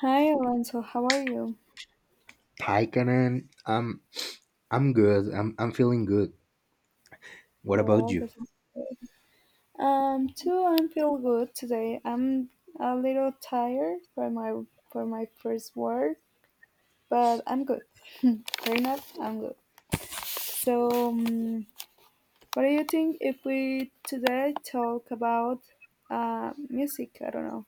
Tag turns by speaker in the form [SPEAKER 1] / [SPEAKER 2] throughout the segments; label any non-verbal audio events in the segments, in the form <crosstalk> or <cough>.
[SPEAKER 1] Hi Alonso, how are you?
[SPEAKER 2] Taikanen, I'm good. I'm feeling good. What about
[SPEAKER 1] Well,
[SPEAKER 2] you?
[SPEAKER 1] this is good. Too, I feel good today. I'm a little tired for my first work, but I'm good. <laughs> Fair enough, I'm good. So, what do you think if we today talk about music? I don't know.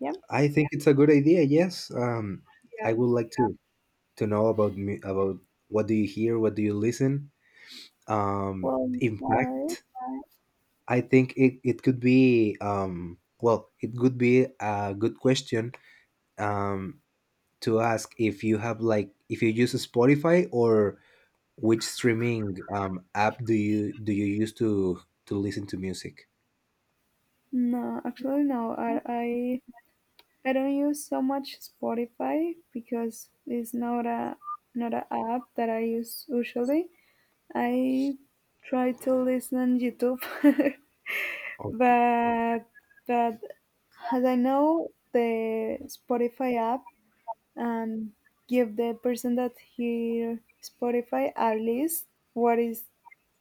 [SPEAKER 1] Yeah.
[SPEAKER 2] I think it's a good idea. Yes.
[SPEAKER 1] Yeah.
[SPEAKER 2] I would like to know about me, about what do you hear, what do you listen.
[SPEAKER 1] Well,
[SPEAKER 2] In
[SPEAKER 1] right?
[SPEAKER 2] fact, I think it could be well, it could be a good question um to ask if you have like, if you use Spotify, or which streaming app do you use to listen to music?
[SPEAKER 1] No, actually, no. I I don't use so much Spotify because it's not a not a app that I use usually. I try to listen YouTube, <laughs> but but as I know the Spotify app and give the person that hear Spotify a list what is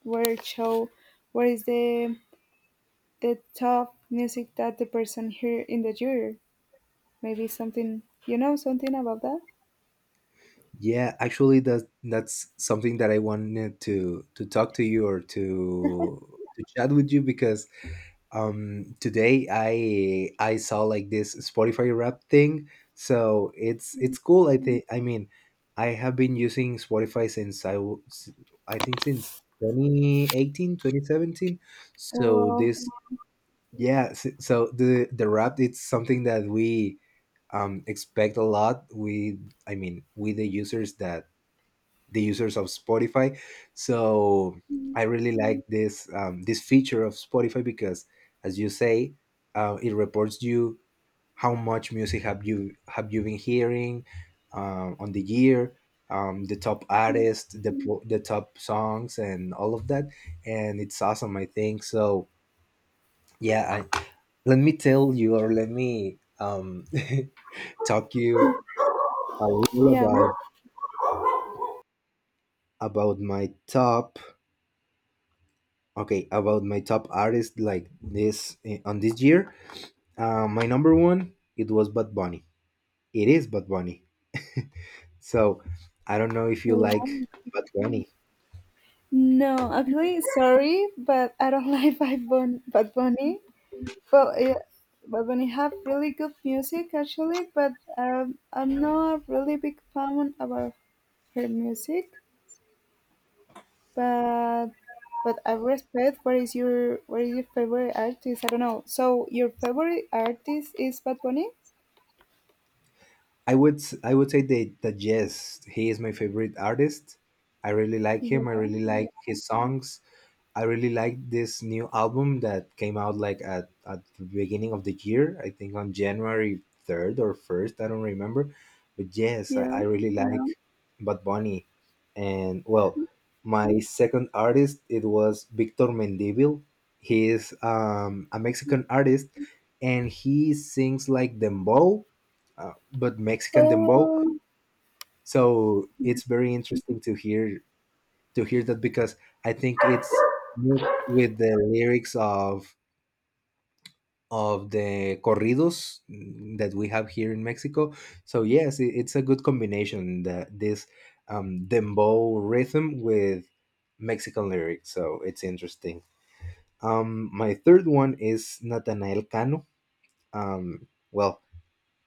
[SPEAKER 1] where it show what is the top music that the person hear in the year maybe something you know something about that.
[SPEAKER 2] Yeah, actually, that's something that I wanted to talk to you, or to chat with you, because today I saw like this Spotify Wrap thing, so it's cool. I think, I mean, I have been using Spotify since I think since 2018, 2017. So
[SPEAKER 1] Well,
[SPEAKER 2] this, yeah, so the wrap, it's something that we expect a lot. We, I mean, we, the users that the users of Spotify. So I really like this this feature of Spotify because, as you say, it reports you how much music have you been hearing on the year, the top artists, the the top songs, and all of that. And it's awesome, I think. So yeah, I, let me tell you, or let me <laughs> talk you a little
[SPEAKER 1] yeah.
[SPEAKER 2] about my top okay, about my top artist like this, on this year, my number one, it was Bad Bunny. It is Bad Bunny. So I don't know if you
[SPEAKER 1] Well,
[SPEAKER 2] like Bad Bunny.
[SPEAKER 1] no, actually, sorry, but I don't <laughs> like Bad Bunny. Well, yeah, Bad Bunny have really good music actually, but I'm not a really big fan about her music. But but I respect. What is your favorite artist? I don't know. So your favorite artist is Bad Bunny?
[SPEAKER 2] I would I would say that, that yes, he is my favorite artist. I really like
[SPEAKER 1] Yeah.
[SPEAKER 2] him. I really like his songs. I really like this new album that came out like at the beginning of the year. I think on January 3rd or 1st, I don't remember. But yes,
[SPEAKER 1] Yeah.
[SPEAKER 2] I really like, yeah, Bad Bunny. And well, my second artist, it was Victor Mendivil. He is a Mexican artist, and he sings like dembow, but Mexican dembow.
[SPEAKER 1] Oh,
[SPEAKER 2] So it's very interesting to hear, that, because I think it's mixed with the lyrics of the corridos, that we have here in Mexico. So yes, it, it's a good combination, that this dembow rhythm with Mexican lyrics. So it's interesting. My third one is Natanael Cano. Well,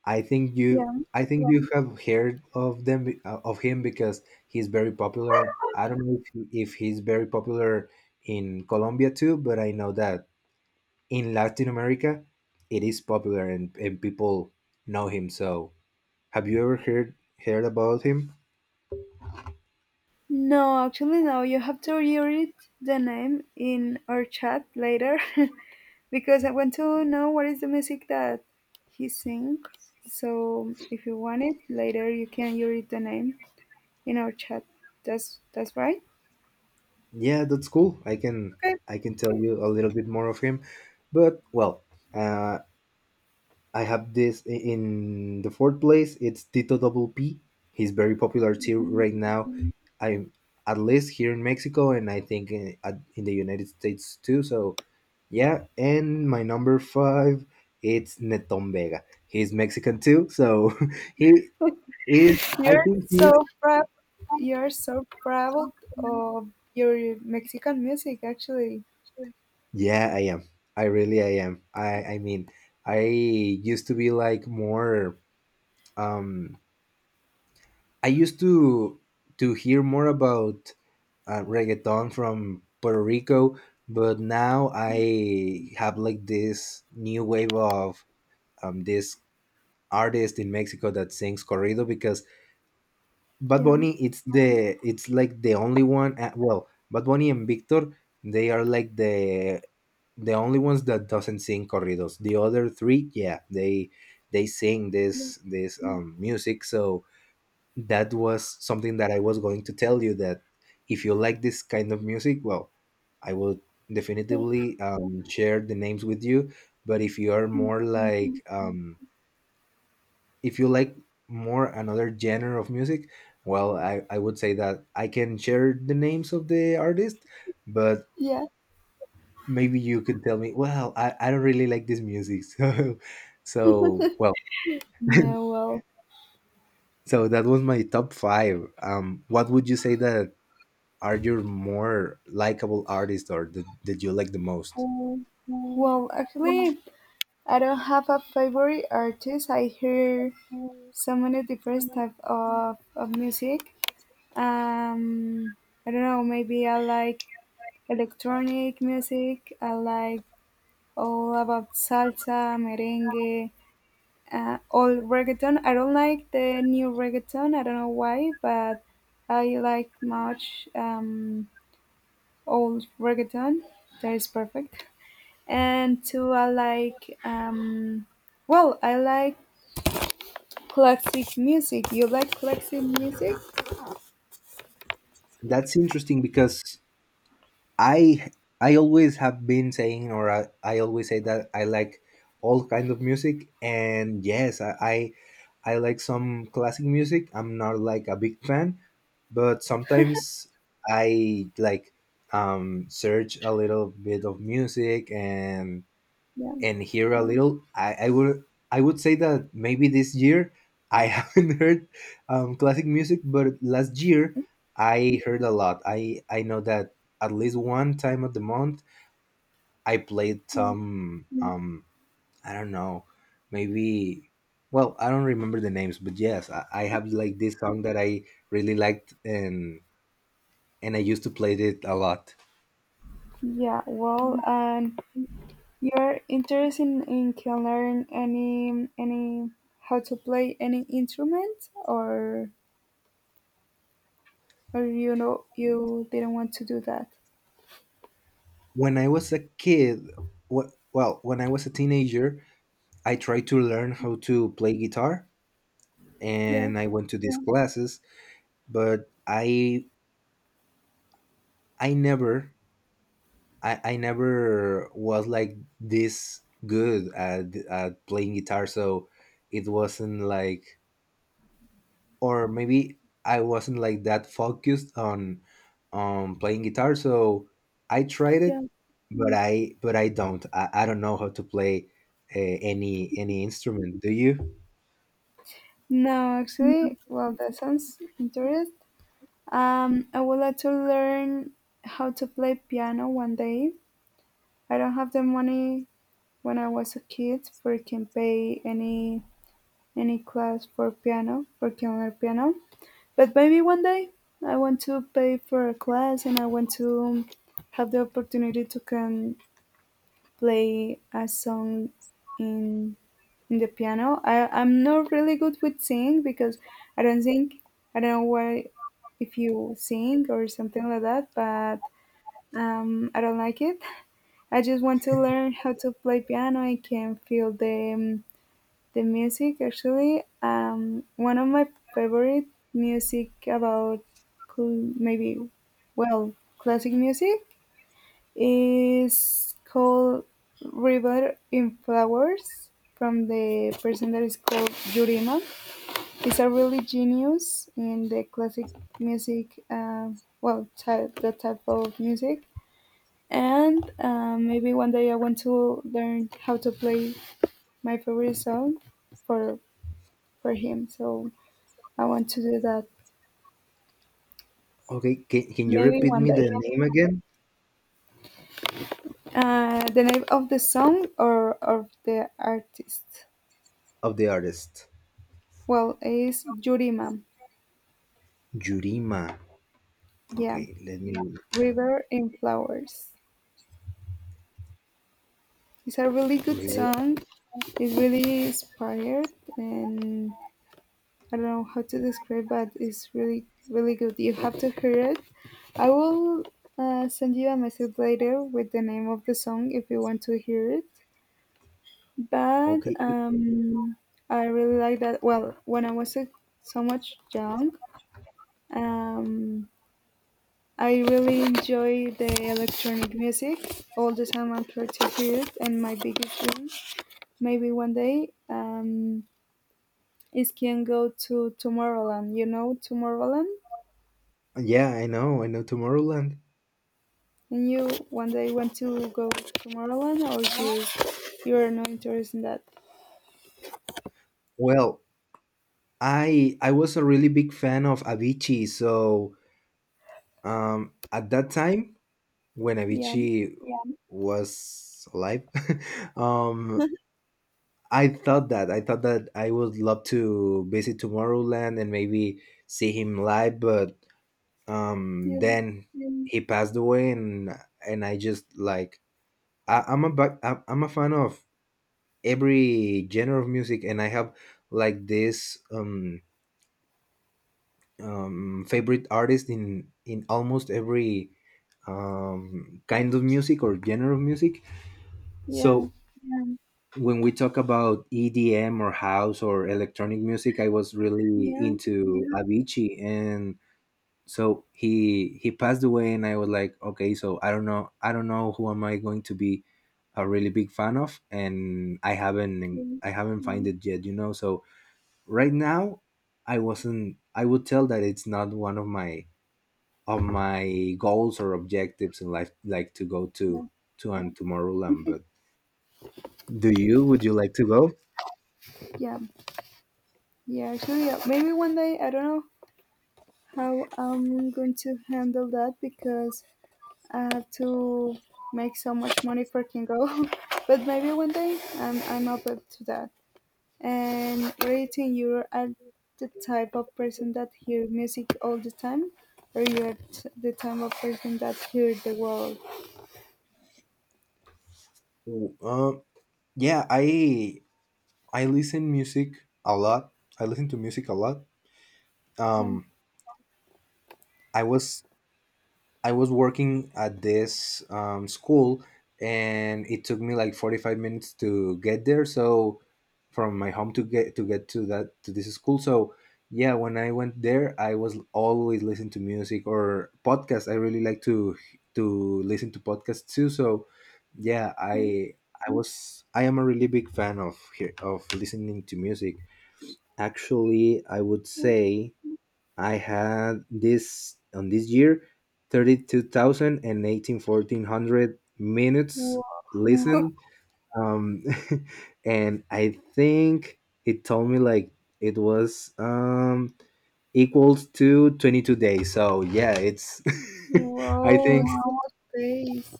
[SPEAKER 1] yeah.
[SPEAKER 2] I think, yeah, you have heard of them, of him, because he's very popular. I don't know if he's very popular in Colombia too, but I know that in Latin America it is popular, and people know him. So have you ever heard about him?
[SPEAKER 1] No, actually, no. You have to read the name in our chat later <laughs> because I want to know what is the music that he sing. So if you want it later, you can read the name in our chat. That's right.
[SPEAKER 2] Yeah, that's cool. I can
[SPEAKER 1] Okay.
[SPEAKER 2] tell you a little bit more of him. But well, uh, I have this in the fourth place. It's Tito Double P. He's very popular too
[SPEAKER 1] Mm.
[SPEAKER 2] right now. Mhm. I, at least here in Mexico, and I think in the United States too. So yeah, and my number five, it's Neton Vega. He's Mexican too, so <laughs> he is. I
[SPEAKER 1] You're
[SPEAKER 2] think he is.
[SPEAKER 1] so proud. You're so proud of your Mexican music, actually.
[SPEAKER 2] Yeah, I am. I really, I am. I mean, I used to be like more. Um, I used to hear more about reggaeton from Puerto Rico, but now I have like this new wave of this artist in Mexico that sings corrido, because Bad
[SPEAKER 1] Yeah.
[SPEAKER 2] Bunny, it's like the only one, well, Bad Bunny and Victor, they are like the only ones that doesn't sing corridos. The other three, yeah, they sing
[SPEAKER 1] Yeah.
[SPEAKER 2] this, this music. So that was something that I was going to tell you, that if you like this kind of music, well, I will definitively share the names with you. But if you are more like, if you like more another genre of music, well, I would say that I can share the names of the artist, but
[SPEAKER 1] Yeah.
[SPEAKER 2] maybe you could tell me, well, I don't really like this music. <laughs> So, so well,
[SPEAKER 1] No. Well,
[SPEAKER 2] so that was my top five. What would you say that are your more likable artist, or that, that you like the most?
[SPEAKER 1] um, well, actually, I don't have a favorite artist. I hear so many different type of music. Um, I don't know. Maybe I like electronic music. I like all about salsa, merengue, all reggaeton. I don't like the new reggaeton. I don't know why, but I like much old reggaeton. That is perfect. And two, I like well, I like classic music. You like classic music?
[SPEAKER 2] That's interesting, because i i always have been saying, or I always say that I like all kind of music, and yes, I like some classic music. I'm not like a big fan, but sometimes I like search a little bit of music,
[SPEAKER 1] Yeah.
[SPEAKER 2] and hear a little. I would, I would say that maybe this year I <laughs> haven't heard classic music, but last year I heard a lot. I know that at least one time of the month I played
[SPEAKER 1] Yeah.
[SPEAKER 2] some I don't know, maybe, well, I don't remember the names, but yes, I have like this song that I really liked, and I used to play it a lot
[SPEAKER 1] Yeah, well, and you're interested in can learn any how to play any instrument or you know you didn't want to do that.
[SPEAKER 2] when I was a kid. What, well, when I was a teenager, I tried to learn how to play guitar,
[SPEAKER 1] Yeah.
[SPEAKER 2] and I went to these classes, but I never, I, I never was like this good at playing guitar. So it wasn't like, or maybe I wasn't like that focused on playing guitar. So I tried
[SPEAKER 1] Yeah.
[SPEAKER 2] it, but I, but I don't, I don't know how to play, any instrument. Do you?
[SPEAKER 1] No, actually, well, that sounds interesting. I would like to learn how to play piano one day. I don't have the money when I was a kid for can pay any class for piano, for counter piano. But maybe one day I want to pay for a class and I want to have the opportunity to can play a song in in the piano. I'm not really good with singing because I don't sing. I don't know why if you sing or something like that, but I don't like it. I just want to learn how to play piano. I can feel the music actually. One of my favorite music about cl- maybe well classic music is called River in Flowers from the person that is called Yurima. He's a really genius in the classic music, type the type of music, and maybe one day I want to learn how to play my favorite song for for him. So I want to do that
[SPEAKER 2] Okay, can you
[SPEAKER 1] maybe
[SPEAKER 2] repeat
[SPEAKER 1] one
[SPEAKER 2] me the
[SPEAKER 1] day.
[SPEAKER 2] name again
[SPEAKER 1] The name of the song or of the artist?
[SPEAKER 2] of the artist.
[SPEAKER 1] Well, it's Yurima.
[SPEAKER 2] Yurima.
[SPEAKER 1] Yeah,
[SPEAKER 2] Okay, let me, yeah,
[SPEAKER 1] River in Flowers. It's a really good
[SPEAKER 2] read.
[SPEAKER 1] song. It's really inspired, and I don't know how to describe, but it's really, really good. You have to hear it. I will send you a message later with the name of the song if you want to hear it. But
[SPEAKER 2] Okay.
[SPEAKER 1] I really like that. Well, when I was so much young, um, I really enjoy the electronic music. All the time I'm trying to hear it, and my biggest dream, maybe one day, is can go to Tomorrowland. You know Tomorrowland,
[SPEAKER 2] Yeah, I know. I know Tomorrowland.
[SPEAKER 1] and you one day want to go to Tomorrowland, or you, you are not interested in that?
[SPEAKER 2] Well, I was a really big fan of Avicii, so at that time when
[SPEAKER 1] Yeah,
[SPEAKER 2] Avicii was alive, <laughs> um I thought that I thought that I would love to visit Tomorrowland and maybe see him live, but
[SPEAKER 1] yeah,
[SPEAKER 2] then he passed away, and I just like, I, I'm a fan of every genre of music, and I have like this favorite artist in almost every kind of music or genre of music.
[SPEAKER 1] yeah,
[SPEAKER 2] So when we talk about EDM or house or electronic music, I was really
[SPEAKER 1] yeah,
[SPEAKER 2] into Avicii, and so he passed away, and I was like, okay, so I don't know, I don't know who am I going to be a really big fan of, and I haven't, I haven't find it yet, you know. So right now, I wasn't I would tell that it's not one of my goals or objectives in life, like to go
[SPEAKER 1] yeah,
[SPEAKER 2] to an Tomorrowland. But do you, would you like to go?
[SPEAKER 1] yeah. Yeah, actually, maybe one day I don't know how I'm going to handle that because I have to make so much money for Kingo. <laughs> But maybe one day I'm open to that. And rating you are at the type of person that hear music all the time, or you are the type of person that hear the world.
[SPEAKER 2] W- uh, yeah, I listen music a lot, I listen to music a lot. um
[SPEAKER 1] Um.
[SPEAKER 2] i was I was working at this school, and it took me like 45 minutes to get there. So from my home to get to that to this school. So yeah, when I went there, I was always listening to music or podcasts. I really like to listen to podcasts too. So yeah, I was, I am a really big fan of of listening to music. Actually, I would say I had this on this year thirty-2018 1400 minutes
[SPEAKER 1] Wow. <laughs>
[SPEAKER 2] listened. Um, <laughs> and I think it told me like it was equals to 22 days. So yeah, it's, <laughs> I
[SPEAKER 1] Wow,
[SPEAKER 2] think,
[SPEAKER 1] so face.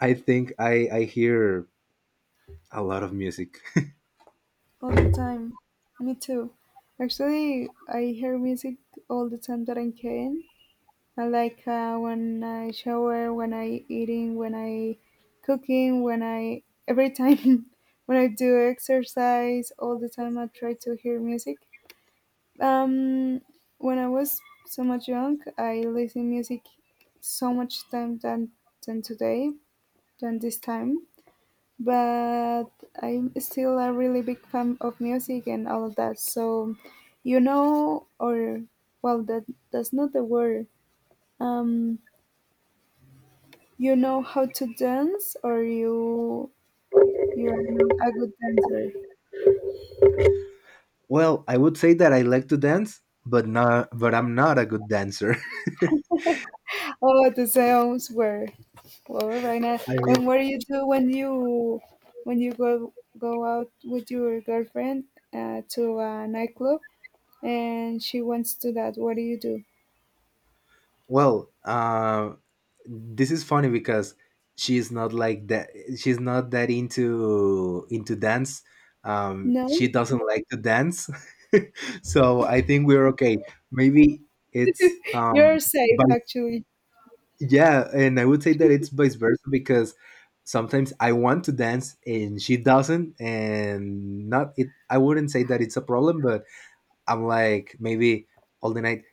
[SPEAKER 2] I think I hear a lot of music.
[SPEAKER 1] All the time. Me too. Actually, I hear music all the time that I can. I like, when I shower, when I eating, when I cooking, when I every time, <laughs> when I do exercise, all the time I try to hear music. Um, when I was so much young, I listen music so much time than today than this time, but I'm still a really big fan of music and all of that. So, you know, or well, that that's not the word. Um, you know how to dance, or you are not a good dancer?
[SPEAKER 2] Well, I would say that I like to dance, but not, but I'm not a good dancer.
[SPEAKER 1] Oh, the sounds were, well, right now.
[SPEAKER 2] <laughs> I mean,
[SPEAKER 1] And what do you do when you go out with your girlfriend, to a nightclub, and she wants to that? What do you do?
[SPEAKER 2] well, this is funny because she's not like that. She's not that into dance. She
[SPEAKER 1] No,
[SPEAKER 2] doesn't like to dance, <laughs> so I think we're okay. Maybe it's
[SPEAKER 1] you're safe
[SPEAKER 2] by,
[SPEAKER 1] actually.
[SPEAKER 2] yeah, and I would say that it's vice versa, because sometimes I want to dance and she doesn't, and not it. I wouldn't say that it's a problem, but I'm like, maybe all the night,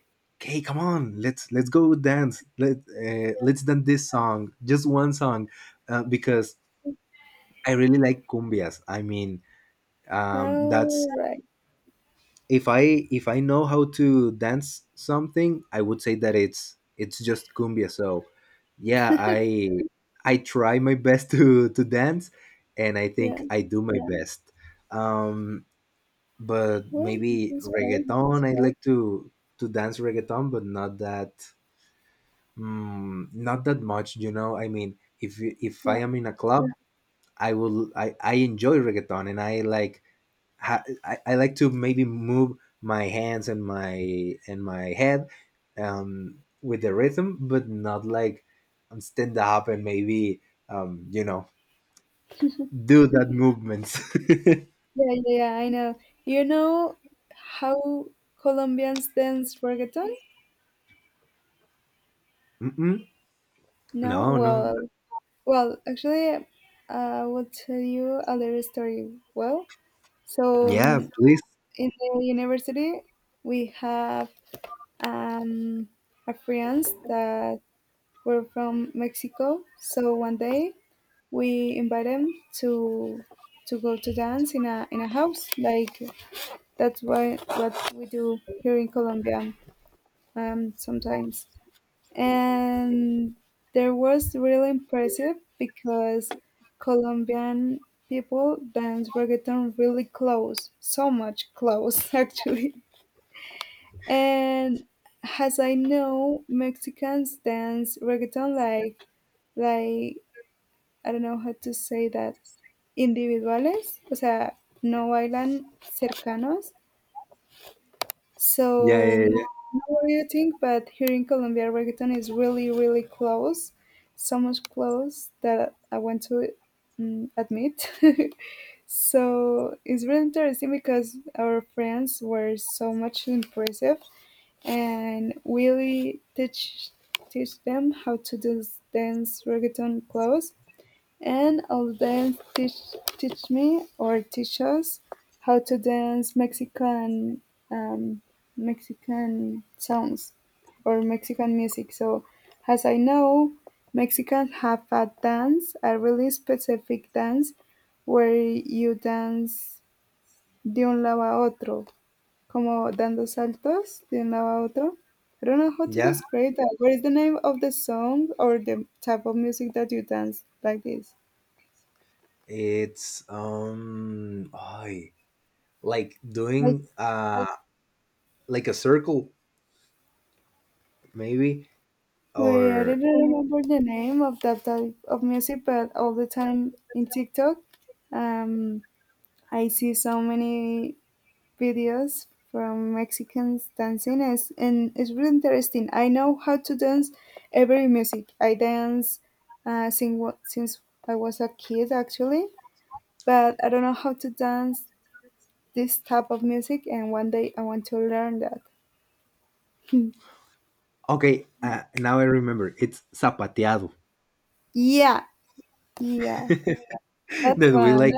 [SPEAKER 2] okay, come on, let's go dance. Let let's dance this song, just one song, because I really like cumbias. I mean, that's,
[SPEAKER 1] Oh, right.
[SPEAKER 2] if I know how to dance something, I would say that it's just cumbia. So yeah, I try my best <laughs> to dance, and I think
[SPEAKER 1] Yeah.
[SPEAKER 2] I do my, yeah, best. Um, but
[SPEAKER 1] Well, this
[SPEAKER 2] maybe
[SPEAKER 1] is great.
[SPEAKER 2] reggaeton, I like to dance reggaeton, but not that, mm, not that much, you know. I mean, if I
[SPEAKER 1] Yeah.
[SPEAKER 2] am in a club, I will, I enjoy reggaeton, and I like, ha, I like to maybe move my hands and my head with the rhythm, but not like, stand up and maybe, um you know do that movements. <laughs>
[SPEAKER 1] Yeah, yeah, yeah, I know. You know how Colombians dance reggaeton?
[SPEAKER 2] Mm-mm.
[SPEAKER 1] No?
[SPEAKER 2] No, no.
[SPEAKER 1] Well, well, actually, I will tell you a little story. Well, so,
[SPEAKER 2] Yeah, please.
[SPEAKER 1] in the university, we have um, a friends that were from Mexico. So one day we invited them to go to dance in a house like that's why what we do here in Colombia sometimes. And there was really impressive because Colombian people dance reggaeton really close, so much close <laughs> actually. And as I know, Mexicans dance reggaeton like like I don't know how to say that, individuales, o sea, no bailan cercanos.
[SPEAKER 2] Yeah,
[SPEAKER 1] So,
[SPEAKER 2] yeah, yeah.
[SPEAKER 1] not what do you think? But here in Colombia, reggaeton is really, really close. So much close that I want to admit. <laughs> So, it's really interesting because our friends were so much impressive and really teach them how to do dance reggaeton close, and I'll dance teach me or teach us how to dance Mexican, um, Mexican songs or Mexican music. So as I know, Mexicans have a dance, a really specific dance where you dance de un lado a otro, como dando saltos de un lado a otro. I don't know how to
[SPEAKER 2] Yeah.
[SPEAKER 1] describe that. What is the name of the song or the type of music that you dance like this?
[SPEAKER 2] It's I like doing like a circle, maybe,
[SPEAKER 1] Wait, I
[SPEAKER 2] or
[SPEAKER 1] didn't remember the name of that type of music, but all the time in TikTok, um, I see so many videos from Mexicans dancing, as, and it's really interesting. I know how to dance every music. I dance, since I was a kid, actually, but I don't know how to dance this type of music, and one day I want to learn that.
[SPEAKER 2] okay. Now I remember, it's zapateado.
[SPEAKER 1] Yeah,
[SPEAKER 2] <laughs>
[SPEAKER 1] yeah,
[SPEAKER 2] That
[SPEAKER 1] that's
[SPEAKER 2] we
[SPEAKER 1] one.
[SPEAKER 2] like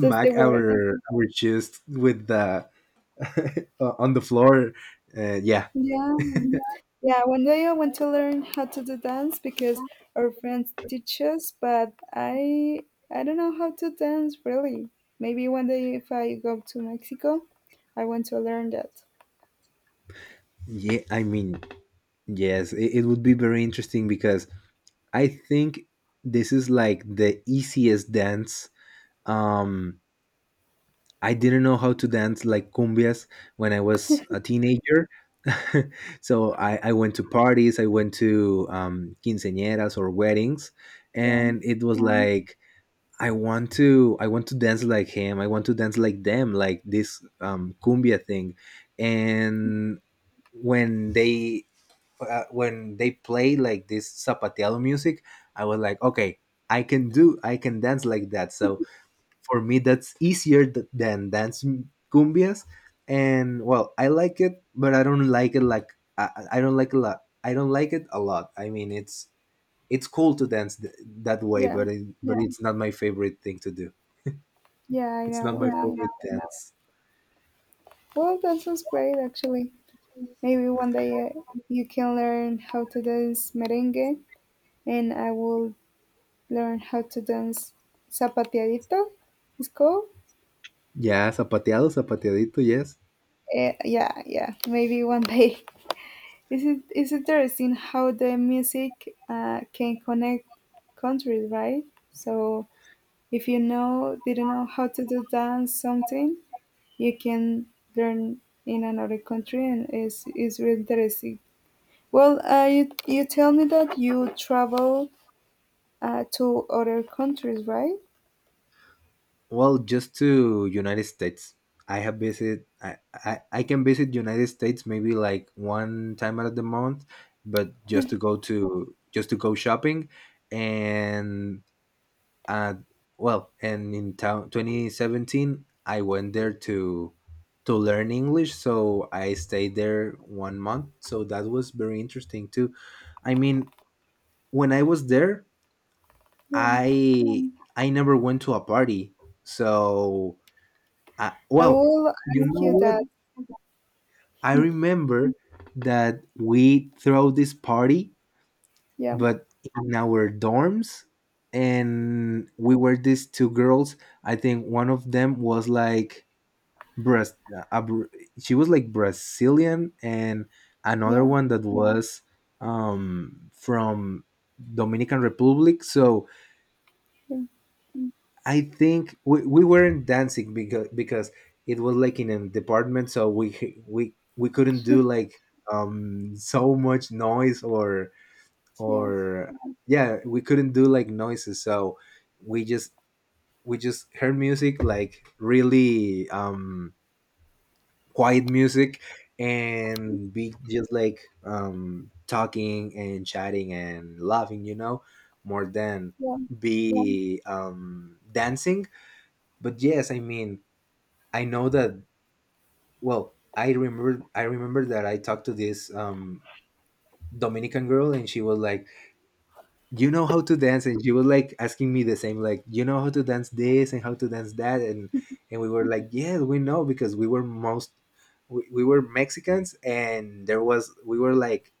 [SPEAKER 1] That's the word.
[SPEAKER 2] our chest with the <laughs> on the floor. Yeah.
[SPEAKER 1] Yeah. Yeah, one day I want to learn how to do dance because our friends teach us, but I don't know how to dance really. Maybe one day if I go to Mexico, I want to learn that.
[SPEAKER 2] Yeah, I mean, yes, it would be very interesting because I think this is like the easiest dance. um I didn't know how to dance like cumbias when I was a teenager. <laughs> So I went to parties, I went to quinceañeras or weddings,
[SPEAKER 1] Yeah,
[SPEAKER 2] and it was like, I want to dance like him, I want to dance like them, like this cumbia thing. And when they when they play like this zapateado music, I was like, okay, I can dance like that. So for me, that's easier than dance cumbias. And well, I like it, but I don't like it, like, I don't like a lot, I don't like it a lot. I mean, it's cool to dance that way,
[SPEAKER 1] yeah,
[SPEAKER 2] but, but yeah, it's not my favorite thing to do.
[SPEAKER 1] yeah. I
[SPEAKER 2] It's not, yeah, my,
[SPEAKER 1] know,
[SPEAKER 2] yeah,
[SPEAKER 1] know.
[SPEAKER 2] favorite dance.
[SPEAKER 1] Well, that sounds great actually. Maybe one day, you can learn how to dance merengue, and I will learn how to dance zapateadito. It's called.
[SPEAKER 2] Yeah, zapateado, zapateadito, yes.
[SPEAKER 1] Eh, yeah, yeah. Maybe one <laughs> day. This is it's interesting how the music, can connect countries, right? So if you know didn't know how to do dance something, you can learn in another country, and it's really interesting. Well, you you tell me that you travel to other countries, right?
[SPEAKER 2] Well, just to United States. I have visit. I can visit United States maybe like one time out of the month, but just to go shopping, and uh, well, and in town 2017, I went there to learn English, so I stayed there one month. So that was very interesting too. I mean, when I was there,
[SPEAKER 1] Yeah.
[SPEAKER 2] I never went to a party, so
[SPEAKER 1] I
[SPEAKER 2] well,
[SPEAKER 1] will
[SPEAKER 2] you
[SPEAKER 1] ask
[SPEAKER 2] know
[SPEAKER 1] you
[SPEAKER 2] what?
[SPEAKER 1] that.
[SPEAKER 2] I remember that we throw this party,
[SPEAKER 1] Yeah,
[SPEAKER 2] but in our dorms, and we were these two girls. I think one of them was like Bras, uh, a Br- she was like Brazilian, and another
[SPEAKER 1] yeah,
[SPEAKER 2] one that was from Dominican Republic. So
[SPEAKER 1] yeah,
[SPEAKER 2] I think we weren't dancing because it was like in a department, so we couldn't do
[SPEAKER 1] <laughs>
[SPEAKER 2] like so much noise
[SPEAKER 1] yeah,
[SPEAKER 2] or, yeah, we couldn't do like noises. So we just we just heard music like really quiet music, and be just like talking and chatting and laughing, more than
[SPEAKER 1] yeah,
[SPEAKER 2] be dancing. But yes, I mean, I know that. Well, I remember that I talked to this dominican girl, and she was like, you know how to dance? And she was like asking me the same, like, you know how to dance this and how to dance that? And we were like, yeah, we know, because we were most, we were mexicans, and there was we were like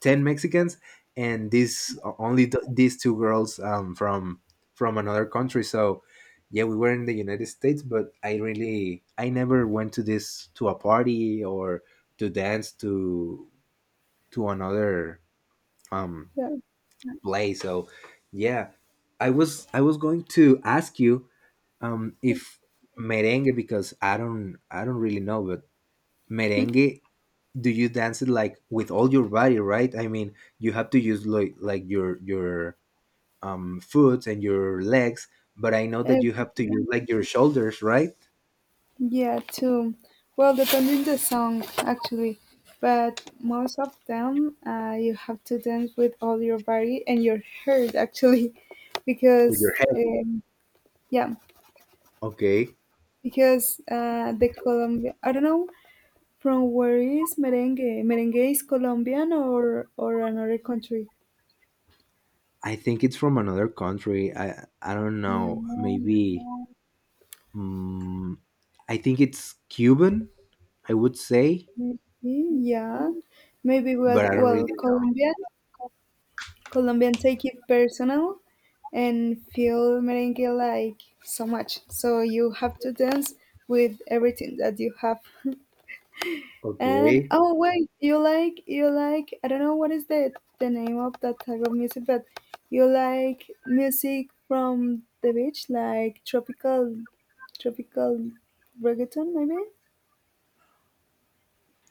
[SPEAKER 2] 10 Mexicans, and these only these two girls, from another country. So yeah, we were in the United States, but I never went to this, to a party, or to dance, to another um
[SPEAKER 1] yeah.
[SPEAKER 2] play. So yeah, I was going to ask you,
[SPEAKER 1] Yeah.
[SPEAKER 2] if merengue, because I don't really know, but merengue, do you dance it like with all your body, right? I mean, you have to use like your foot and your legs, but I know
[SPEAKER 1] Uh.
[SPEAKER 2] that you have to use like your shoulders, right?
[SPEAKER 1] Yeah, too. Well, depending the song actually, but most of them, you have to dance with all your body and your heart actually, <laughs>
[SPEAKER 2] With
[SPEAKER 1] because
[SPEAKER 2] your head.
[SPEAKER 1] yeah,
[SPEAKER 2] Okay.
[SPEAKER 1] because, the Colombia I don't know from where is merengue. Merengue is Colombian or another country.
[SPEAKER 2] I think it's from another country. I don't
[SPEAKER 1] Yeah,
[SPEAKER 2] know, maybe. Mm, I think it's cuban, I would say,
[SPEAKER 1] maybe, yeah, maybe.
[SPEAKER 2] but
[SPEAKER 1] But
[SPEAKER 2] I don't really
[SPEAKER 1] well,
[SPEAKER 2] know.
[SPEAKER 1] Colombian take it personal and feel merengue like so much. So you have to dance with everything that you have. And
[SPEAKER 2] Okay,
[SPEAKER 1] oh wait, you like I don't know what is the name of that type of music, but you like music from the beach, like tropical reggaeton maybe?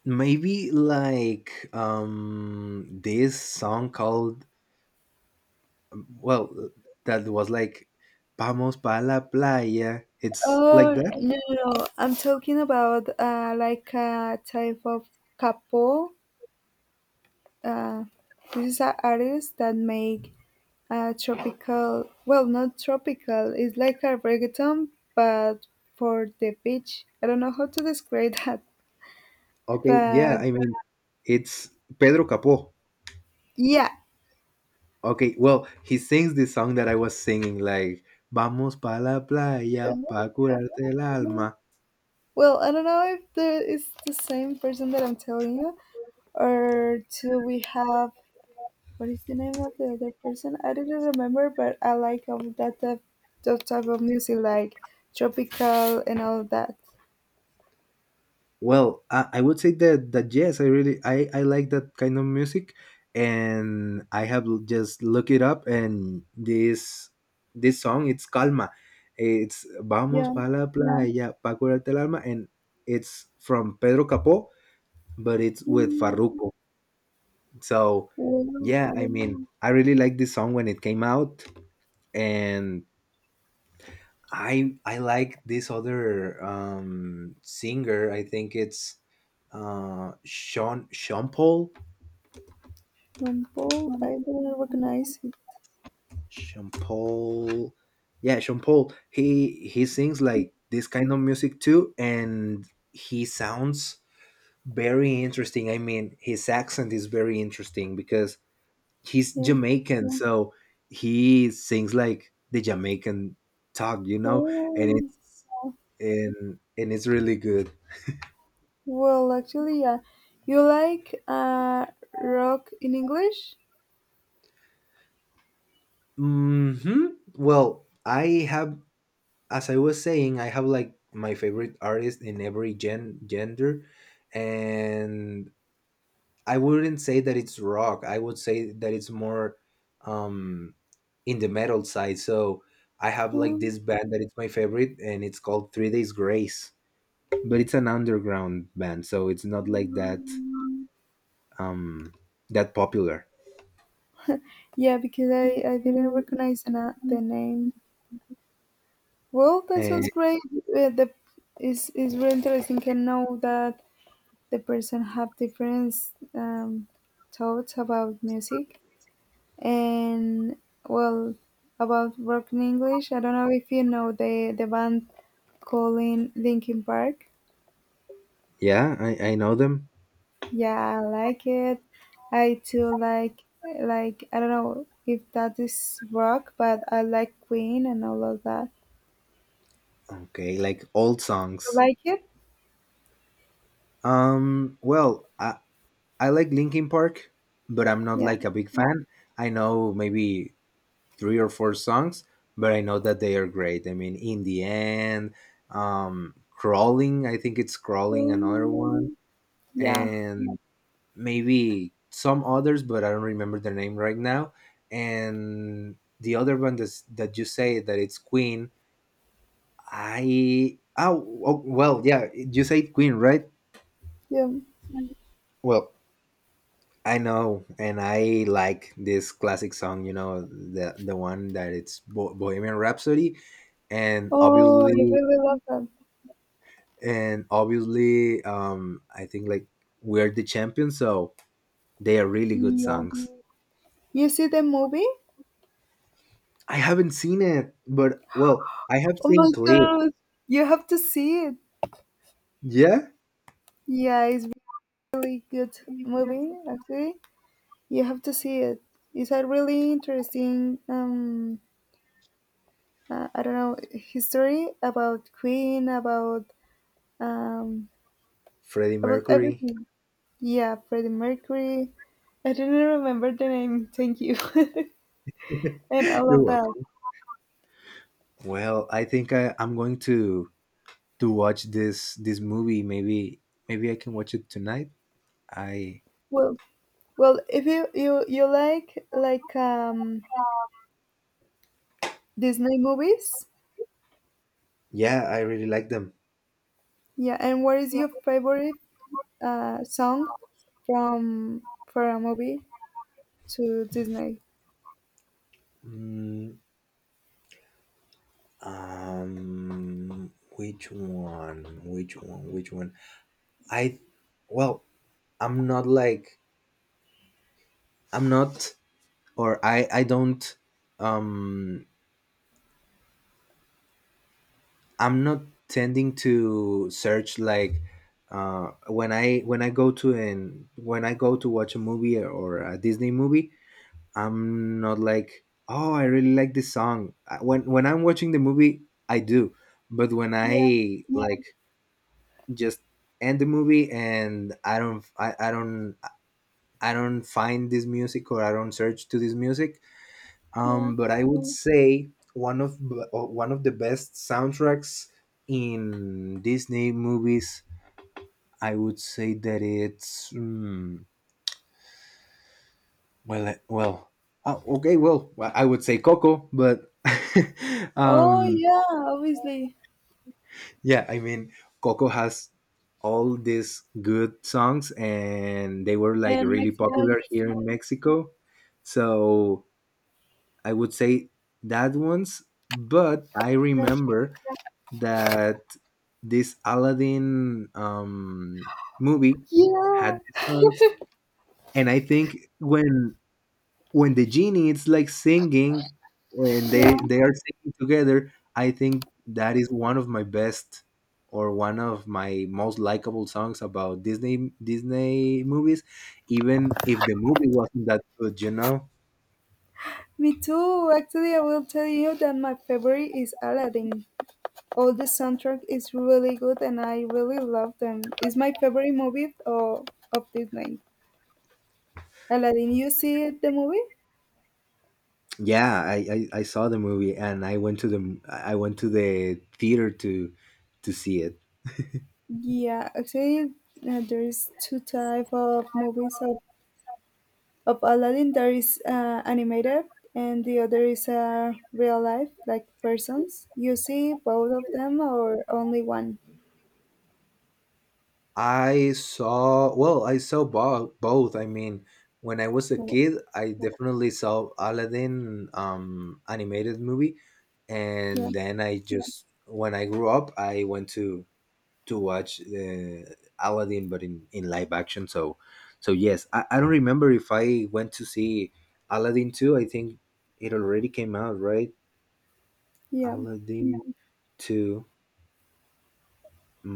[SPEAKER 2] maybe like this song called, well, that was like "Vamos pa la playa." It's like
[SPEAKER 1] Oh
[SPEAKER 2] that?
[SPEAKER 1] no, no, no. I'm talking about like a type of capo. Uh, this is an artist that make a tropical, well, not tropical. It's like a reggaeton, but for the beach. I don't know how to describe <laughs> that,
[SPEAKER 2] Okay, yeah,
[SPEAKER 1] but
[SPEAKER 2] I mean, it's Pedro Capó.
[SPEAKER 1] yeah.
[SPEAKER 2] Okay, well, he sings the song that I was singing, like "Vamos pa la playa pa curarte el alma."
[SPEAKER 1] Well, I don't know if the, it's the same person that I'm telling you, or do we have what is the name of the other person? I didn't remember, but I like of that type of music, like tropical and all that.
[SPEAKER 2] Well, I would say that yes, I really I like that kind of music, and I have just look it up, and this song it's Calma, it's Vamos
[SPEAKER 1] Yeah.
[SPEAKER 2] pa la playa pa curarte el alma, and it's from Pedro Capó, but it's with
[SPEAKER 1] Mm,
[SPEAKER 2] Farruko. So
[SPEAKER 1] Well,
[SPEAKER 2] yeah, I mean, I really like this song when it came out, and I like this other singer. I think it's Sean Paul.
[SPEAKER 1] Rumpole, I don't recognize it.
[SPEAKER 2] Sean Paul. Yeah, Sean Paul. He sings like this kind of music too, and he sounds very interesting. I mean, his accent is very interesting because he's
[SPEAKER 1] Yeah.
[SPEAKER 2] Jamaican, so he sings like the Jamaican talk, and
[SPEAKER 1] Oh,
[SPEAKER 2] it's and it's really good.
[SPEAKER 1] well, actually, yeah. You like rock in English?
[SPEAKER 2] Hmm. Well, I have, as I was saying, I have like my favorite artist in every gender, and I wouldn't say that it's rock. I would say that it's more, um, in the metal side. So I have like
[SPEAKER 1] Um,
[SPEAKER 2] this band that it's my favorite, and it's called Three Days Grace, but it's an underground band, so it's not like um that popular.
[SPEAKER 1] yeah, because I didn't recognize the name. Well, that
[SPEAKER 2] And
[SPEAKER 1] sounds great. The is really interesting to know that the person have different um, thoughts about music. And well, about broken English, I don't know if you know the band calling Linkin Park.
[SPEAKER 2] yeah, I know them.
[SPEAKER 1] Yeah, I like it. I too like I don't know if that is rock, but I like Queen and all of that.
[SPEAKER 2] Okay, like old
[SPEAKER 1] You
[SPEAKER 2] songs.
[SPEAKER 1] like it?
[SPEAKER 2] Well, I like Linkin Park, but I'm not
[SPEAKER 1] Yeah.
[SPEAKER 2] like a big fan. I know maybe three or four songs, but I know that they are great. I mean, in the end, crawling. I think it's crawling another one,
[SPEAKER 1] Um, yeah.
[SPEAKER 2] and maybe some others, but I don't remember the name right now. And the other one that's, that you say that it's Queen. I oh, oh Well, yeah, you say Queen, right?
[SPEAKER 1] Yeah.
[SPEAKER 2] Well, I know, and I like this classic song. You know, the one that it's Bohemian Rhapsody, and
[SPEAKER 1] Oh, I
[SPEAKER 2] obviously,
[SPEAKER 1] really love that.
[SPEAKER 2] I think like we're the champions, so they are really good
[SPEAKER 1] Yeah.
[SPEAKER 2] songs.
[SPEAKER 1] You see the movie?
[SPEAKER 2] I haven't seen it, but well, I have
[SPEAKER 1] Oh
[SPEAKER 2] seen
[SPEAKER 1] my
[SPEAKER 2] clips.
[SPEAKER 1] god, you have to see it.
[SPEAKER 2] Yeah,
[SPEAKER 1] Yeah, it's really good movie actually. You have to see it. It's a really interesting, I don't know, history about Queen, um,
[SPEAKER 2] Freddie
[SPEAKER 1] about
[SPEAKER 2] Mercury.
[SPEAKER 1] everything. Yeah, Freddie Mercury. I didn't remember the name. Thank you, <laughs> and
[SPEAKER 2] <laughs>
[SPEAKER 1] all
[SPEAKER 2] You're
[SPEAKER 1] of that.
[SPEAKER 2] welcome. Well, I think I'm going to watch this movie. Maybe I can watch it tonight. I.
[SPEAKER 1] Well, well, if you like Disney movies,
[SPEAKER 2] Yeah, I really like them.
[SPEAKER 1] yeah. And what is your favorite song from for a movie to Disney?
[SPEAKER 2] Mm, which one? Which one? Which one? I, well, I'm not like I'm not, or I don't. Um, I'm not tending to search like. When I when I go to an when I go to watch a movie or a Disney movie, I'm not like, oh, I really like this song. When I'm watching the movie, I do, but when
[SPEAKER 1] Yeah,
[SPEAKER 2] I like just end the movie, and I don't find this music, or I don't search to this music,
[SPEAKER 1] yeah.
[SPEAKER 2] but I would say one of, one of the best soundtracks in disney movies. I would say that it's, hmm, well, well, I would say coco, but <laughs>
[SPEAKER 1] Oh
[SPEAKER 2] um
[SPEAKER 1] yeah, obviously.
[SPEAKER 2] Yeah, I mean, Coco has all these good songs, and they were like
[SPEAKER 1] And
[SPEAKER 2] really, yeah,
[SPEAKER 1] Mexican
[SPEAKER 2] popular here in Mexico. So I would say that ones. But I
[SPEAKER 1] chocolate.
[SPEAKER 2] remember that this Aladdin, movie had
[SPEAKER 1] Yeah,
[SPEAKER 2] these songs, and I think when the genie it's like singing, and
[SPEAKER 1] yeah.
[SPEAKER 2] they are singing together, I think that is one of my best, or one of my most likable songs about disney movies, even if the movie wasn't that good, you know.
[SPEAKER 1] Me too. Actually, I will tell you that my favorite is Aladdin. All the soundtrack is really good, and I really love them. It's my favorite movie of Disney. Aladdin, you see the movie?
[SPEAKER 2] Yeah, I saw the movie, and I went to the theater to see it.
[SPEAKER 1] Yeah, actually, there is two type of movies of Aladdin there is animated and the other is real life, like persons. You see both of them or only one?
[SPEAKER 2] I saw, well, I saw both. Both. I mean, when I was a
[SPEAKER 1] Oh,
[SPEAKER 2] kid, I definitely saw Aladdin, animated movie,
[SPEAKER 1] yeah,
[SPEAKER 2] and then I just, when I grew up, I went to watch, Aladdin, but in live action. So yes, I don't remember if I went to see Aladdin two. I think it already came out, right?
[SPEAKER 1] yeah.
[SPEAKER 2] Aladdin two.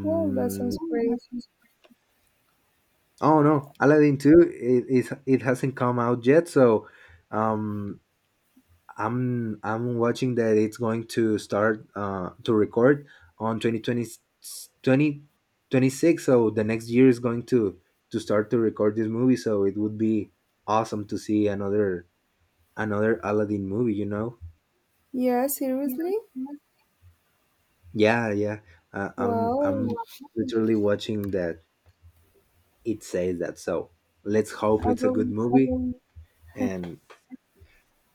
[SPEAKER 1] Well, that sounds great.
[SPEAKER 2] oh no, Aladdin 2 it hasn't come out yet, so um I'm watching that it's going to start to record on twenty twenty six. So the next year is going to start to record this movie, so it would be awesome to see another Aladdin movie, you know.
[SPEAKER 1] Yeah, seriously?
[SPEAKER 2] Yeah, yeah. I'm
[SPEAKER 1] Well,
[SPEAKER 2] literally watching that it says that, so let's hope
[SPEAKER 1] I.
[SPEAKER 2] it's a good movie, and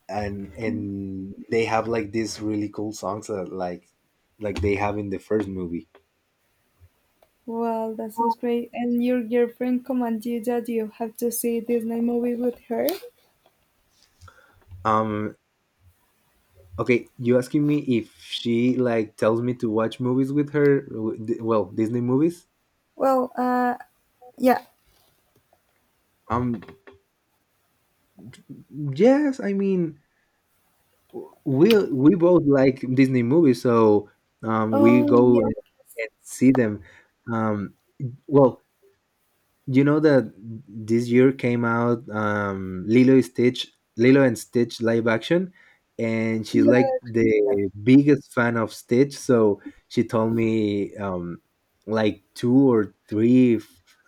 [SPEAKER 2] and they have like these really cool songs, that like they have in the first movie.
[SPEAKER 1] Well, that sounds great. And your girlfriend commanded you that you have to see Disney movie with her?
[SPEAKER 2] um okay, you asking me if she like tells me to watch movies with her? Well, disney movies,
[SPEAKER 1] Well, uh, yeah.
[SPEAKER 2] um yes, I mean, we both like disney movies, so we
[SPEAKER 1] Oh,
[SPEAKER 2] go
[SPEAKER 1] yeah.
[SPEAKER 2] and see them, um well, you know that this year came out, Lilo and Stitch live action, and she's
[SPEAKER 1] Yeah.
[SPEAKER 2] like the biggest fan of Stitch. So she told me, like two or three,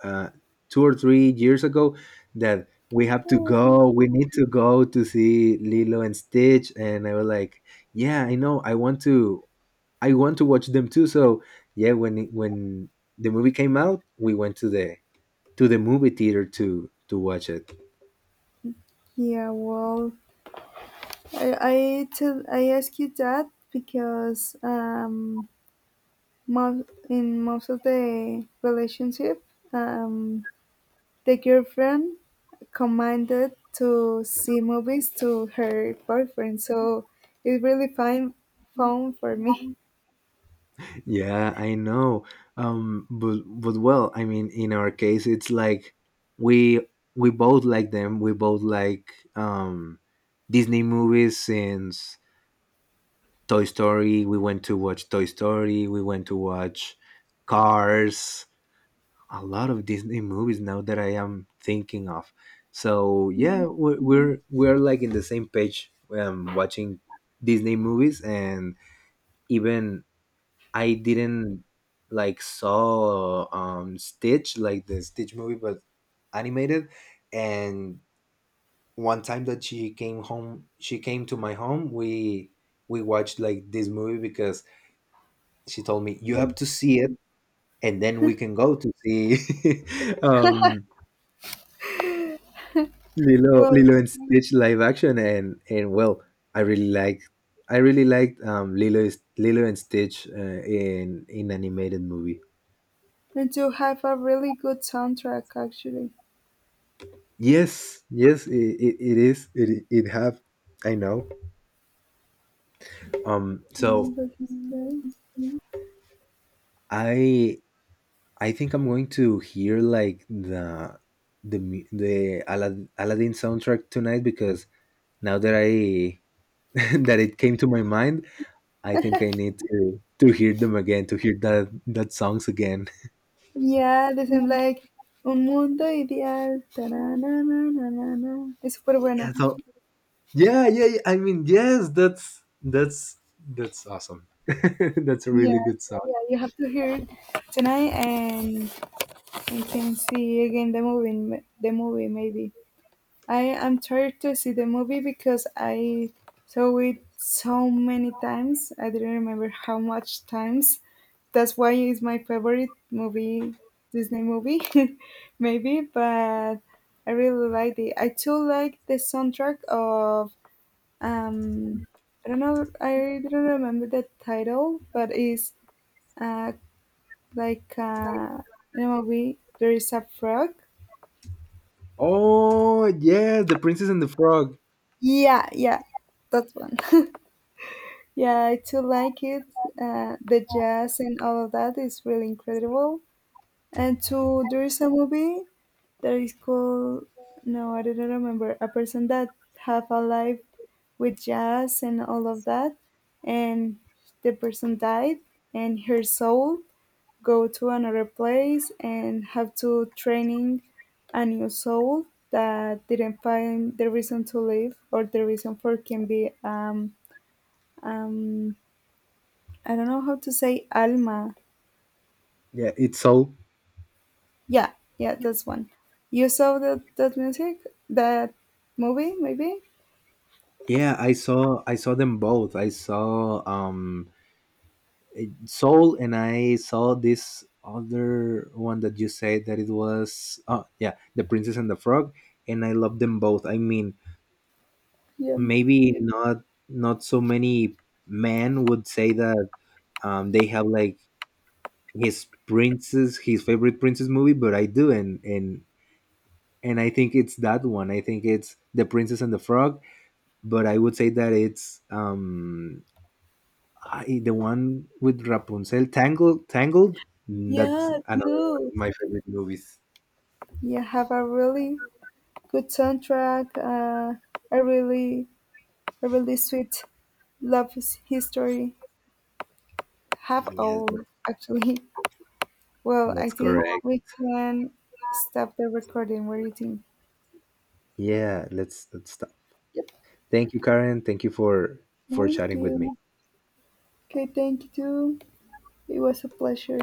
[SPEAKER 2] uh, 2 or 3 years ago that we have to
[SPEAKER 1] Oh,
[SPEAKER 2] go. We need to go to see Lilo and Stitch, and I was like, yeah, I know. I want to. I want to watch them too. So yeah, when the movie came out, we went to the movie theater to watch it.
[SPEAKER 1] yeah, well, I ask you that because most, in most of the relationship, um, the girlfriend commanded to see movies to her boyfriend, so it's really fine fun for me.
[SPEAKER 2] Yeah, I know. But well, I mean, in our case, it's like we we both like them. We both like, Disney movies since Toy Story. We went to watch Toy Story. We went to watch Cars. A lot of Disney movies now that I am thinking of. So yeah,
[SPEAKER 1] Mm,
[SPEAKER 2] we're like in the same page, watching Disney movies, and even I didn't like saw Stitch, like the Stitch movie but animated. And one time that she came to my home, we watched like this movie because she told me, you
[SPEAKER 1] that-
[SPEAKER 2] have to see it, and then we can go to see <laughs> um
[SPEAKER 1] Well,
[SPEAKER 2] Lilo and Stitch live action. And well, I really like I really liked, Lilo and Stitch, in animated movie.
[SPEAKER 1] and you have a really good soundtrack actually.
[SPEAKER 2] Yes, yes, it is. It have. I know. So
[SPEAKER 1] That is great.
[SPEAKER 2] I I think I'm going to hear like the mu- the Alad- Aladdin soundtrack tonight, because now that I <laughs> that it came to my mind, I think I need to hear them again, to hear that songs again.
[SPEAKER 1] Yeah, they sound like Un Mundo Ideal. Ta Es súper
[SPEAKER 2] <laughs> Yeah.
[SPEAKER 1] buena.
[SPEAKER 2] So yeah, yeah, yeah, I mean, yes. That's awesome. <laughs> That's a
[SPEAKER 1] Yeah,
[SPEAKER 2] really good
[SPEAKER 1] so,
[SPEAKER 2] song.
[SPEAKER 1] yeah, you have to hear it tonight, and we can see again the movie. The movie, maybe. I am tired to see the movie because I saw it so many times. I didn't remember how much times. That's why it's my favorite movie, Disney movie, <laughs> maybe. But I really like it. I too like the soundtrack of um. I don't know. I don't remember the title, but it's uh, like in a movie there is a frog.
[SPEAKER 2] Oh yeah, the Princess and the Frog.
[SPEAKER 1] Yeah, yeah, that one. <laughs> Yeah, I too like it. The jazz and all of that is really incredible. And two, there is a movie that is called no, I don't remember. A person that have a life with jazz and all of that, and the person died, and her soul go to another place and have to training a new soul that didn't find the reason to live or the reason for can be um I don't know how to say alma.
[SPEAKER 2] Yeah, it's Soul.
[SPEAKER 1] Yeah, yeah, that's one. You saw that music, that movie, maybe?
[SPEAKER 2] Yeah, I saw them both. I saw Soul, and I saw this other one that you said that it was, oh yeah, The Princess and the Frog, and I love them both. I mean,
[SPEAKER 1] Yeah.
[SPEAKER 2] maybe not so many men would say that they have like his favorite princess movie, but I do, and I think it's that one. I think it's The Princess and the Frog, but I would say that it's, the one with Rapunzel, Tangled, Tangled. Mm, that's
[SPEAKER 1] Yeah,
[SPEAKER 2] another one
[SPEAKER 1] too.
[SPEAKER 2] of my favorite movies.
[SPEAKER 1] Yeah, have a really good soundtrack. A really, a really sweet love history. Have
[SPEAKER 2] Yes,
[SPEAKER 1] all actually. <laughs> Well, I
[SPEAKER 2] that's
[SPEAKER 1] think
[SPEAKER 2] correct.
[SPEAKER 1] we can stop the recording. What do you think?
[SPEAKER 2] Yeah, let's stop.
[SPEAKER 1] Yep.
[SPEAKER 2] Thank you, Karen. Thank you for
[SPEAKER 1] Thank
[SPEAKER 2] chatting with me.
[SPEAKER 1] you. Okay, thank you too. It was a pleasure.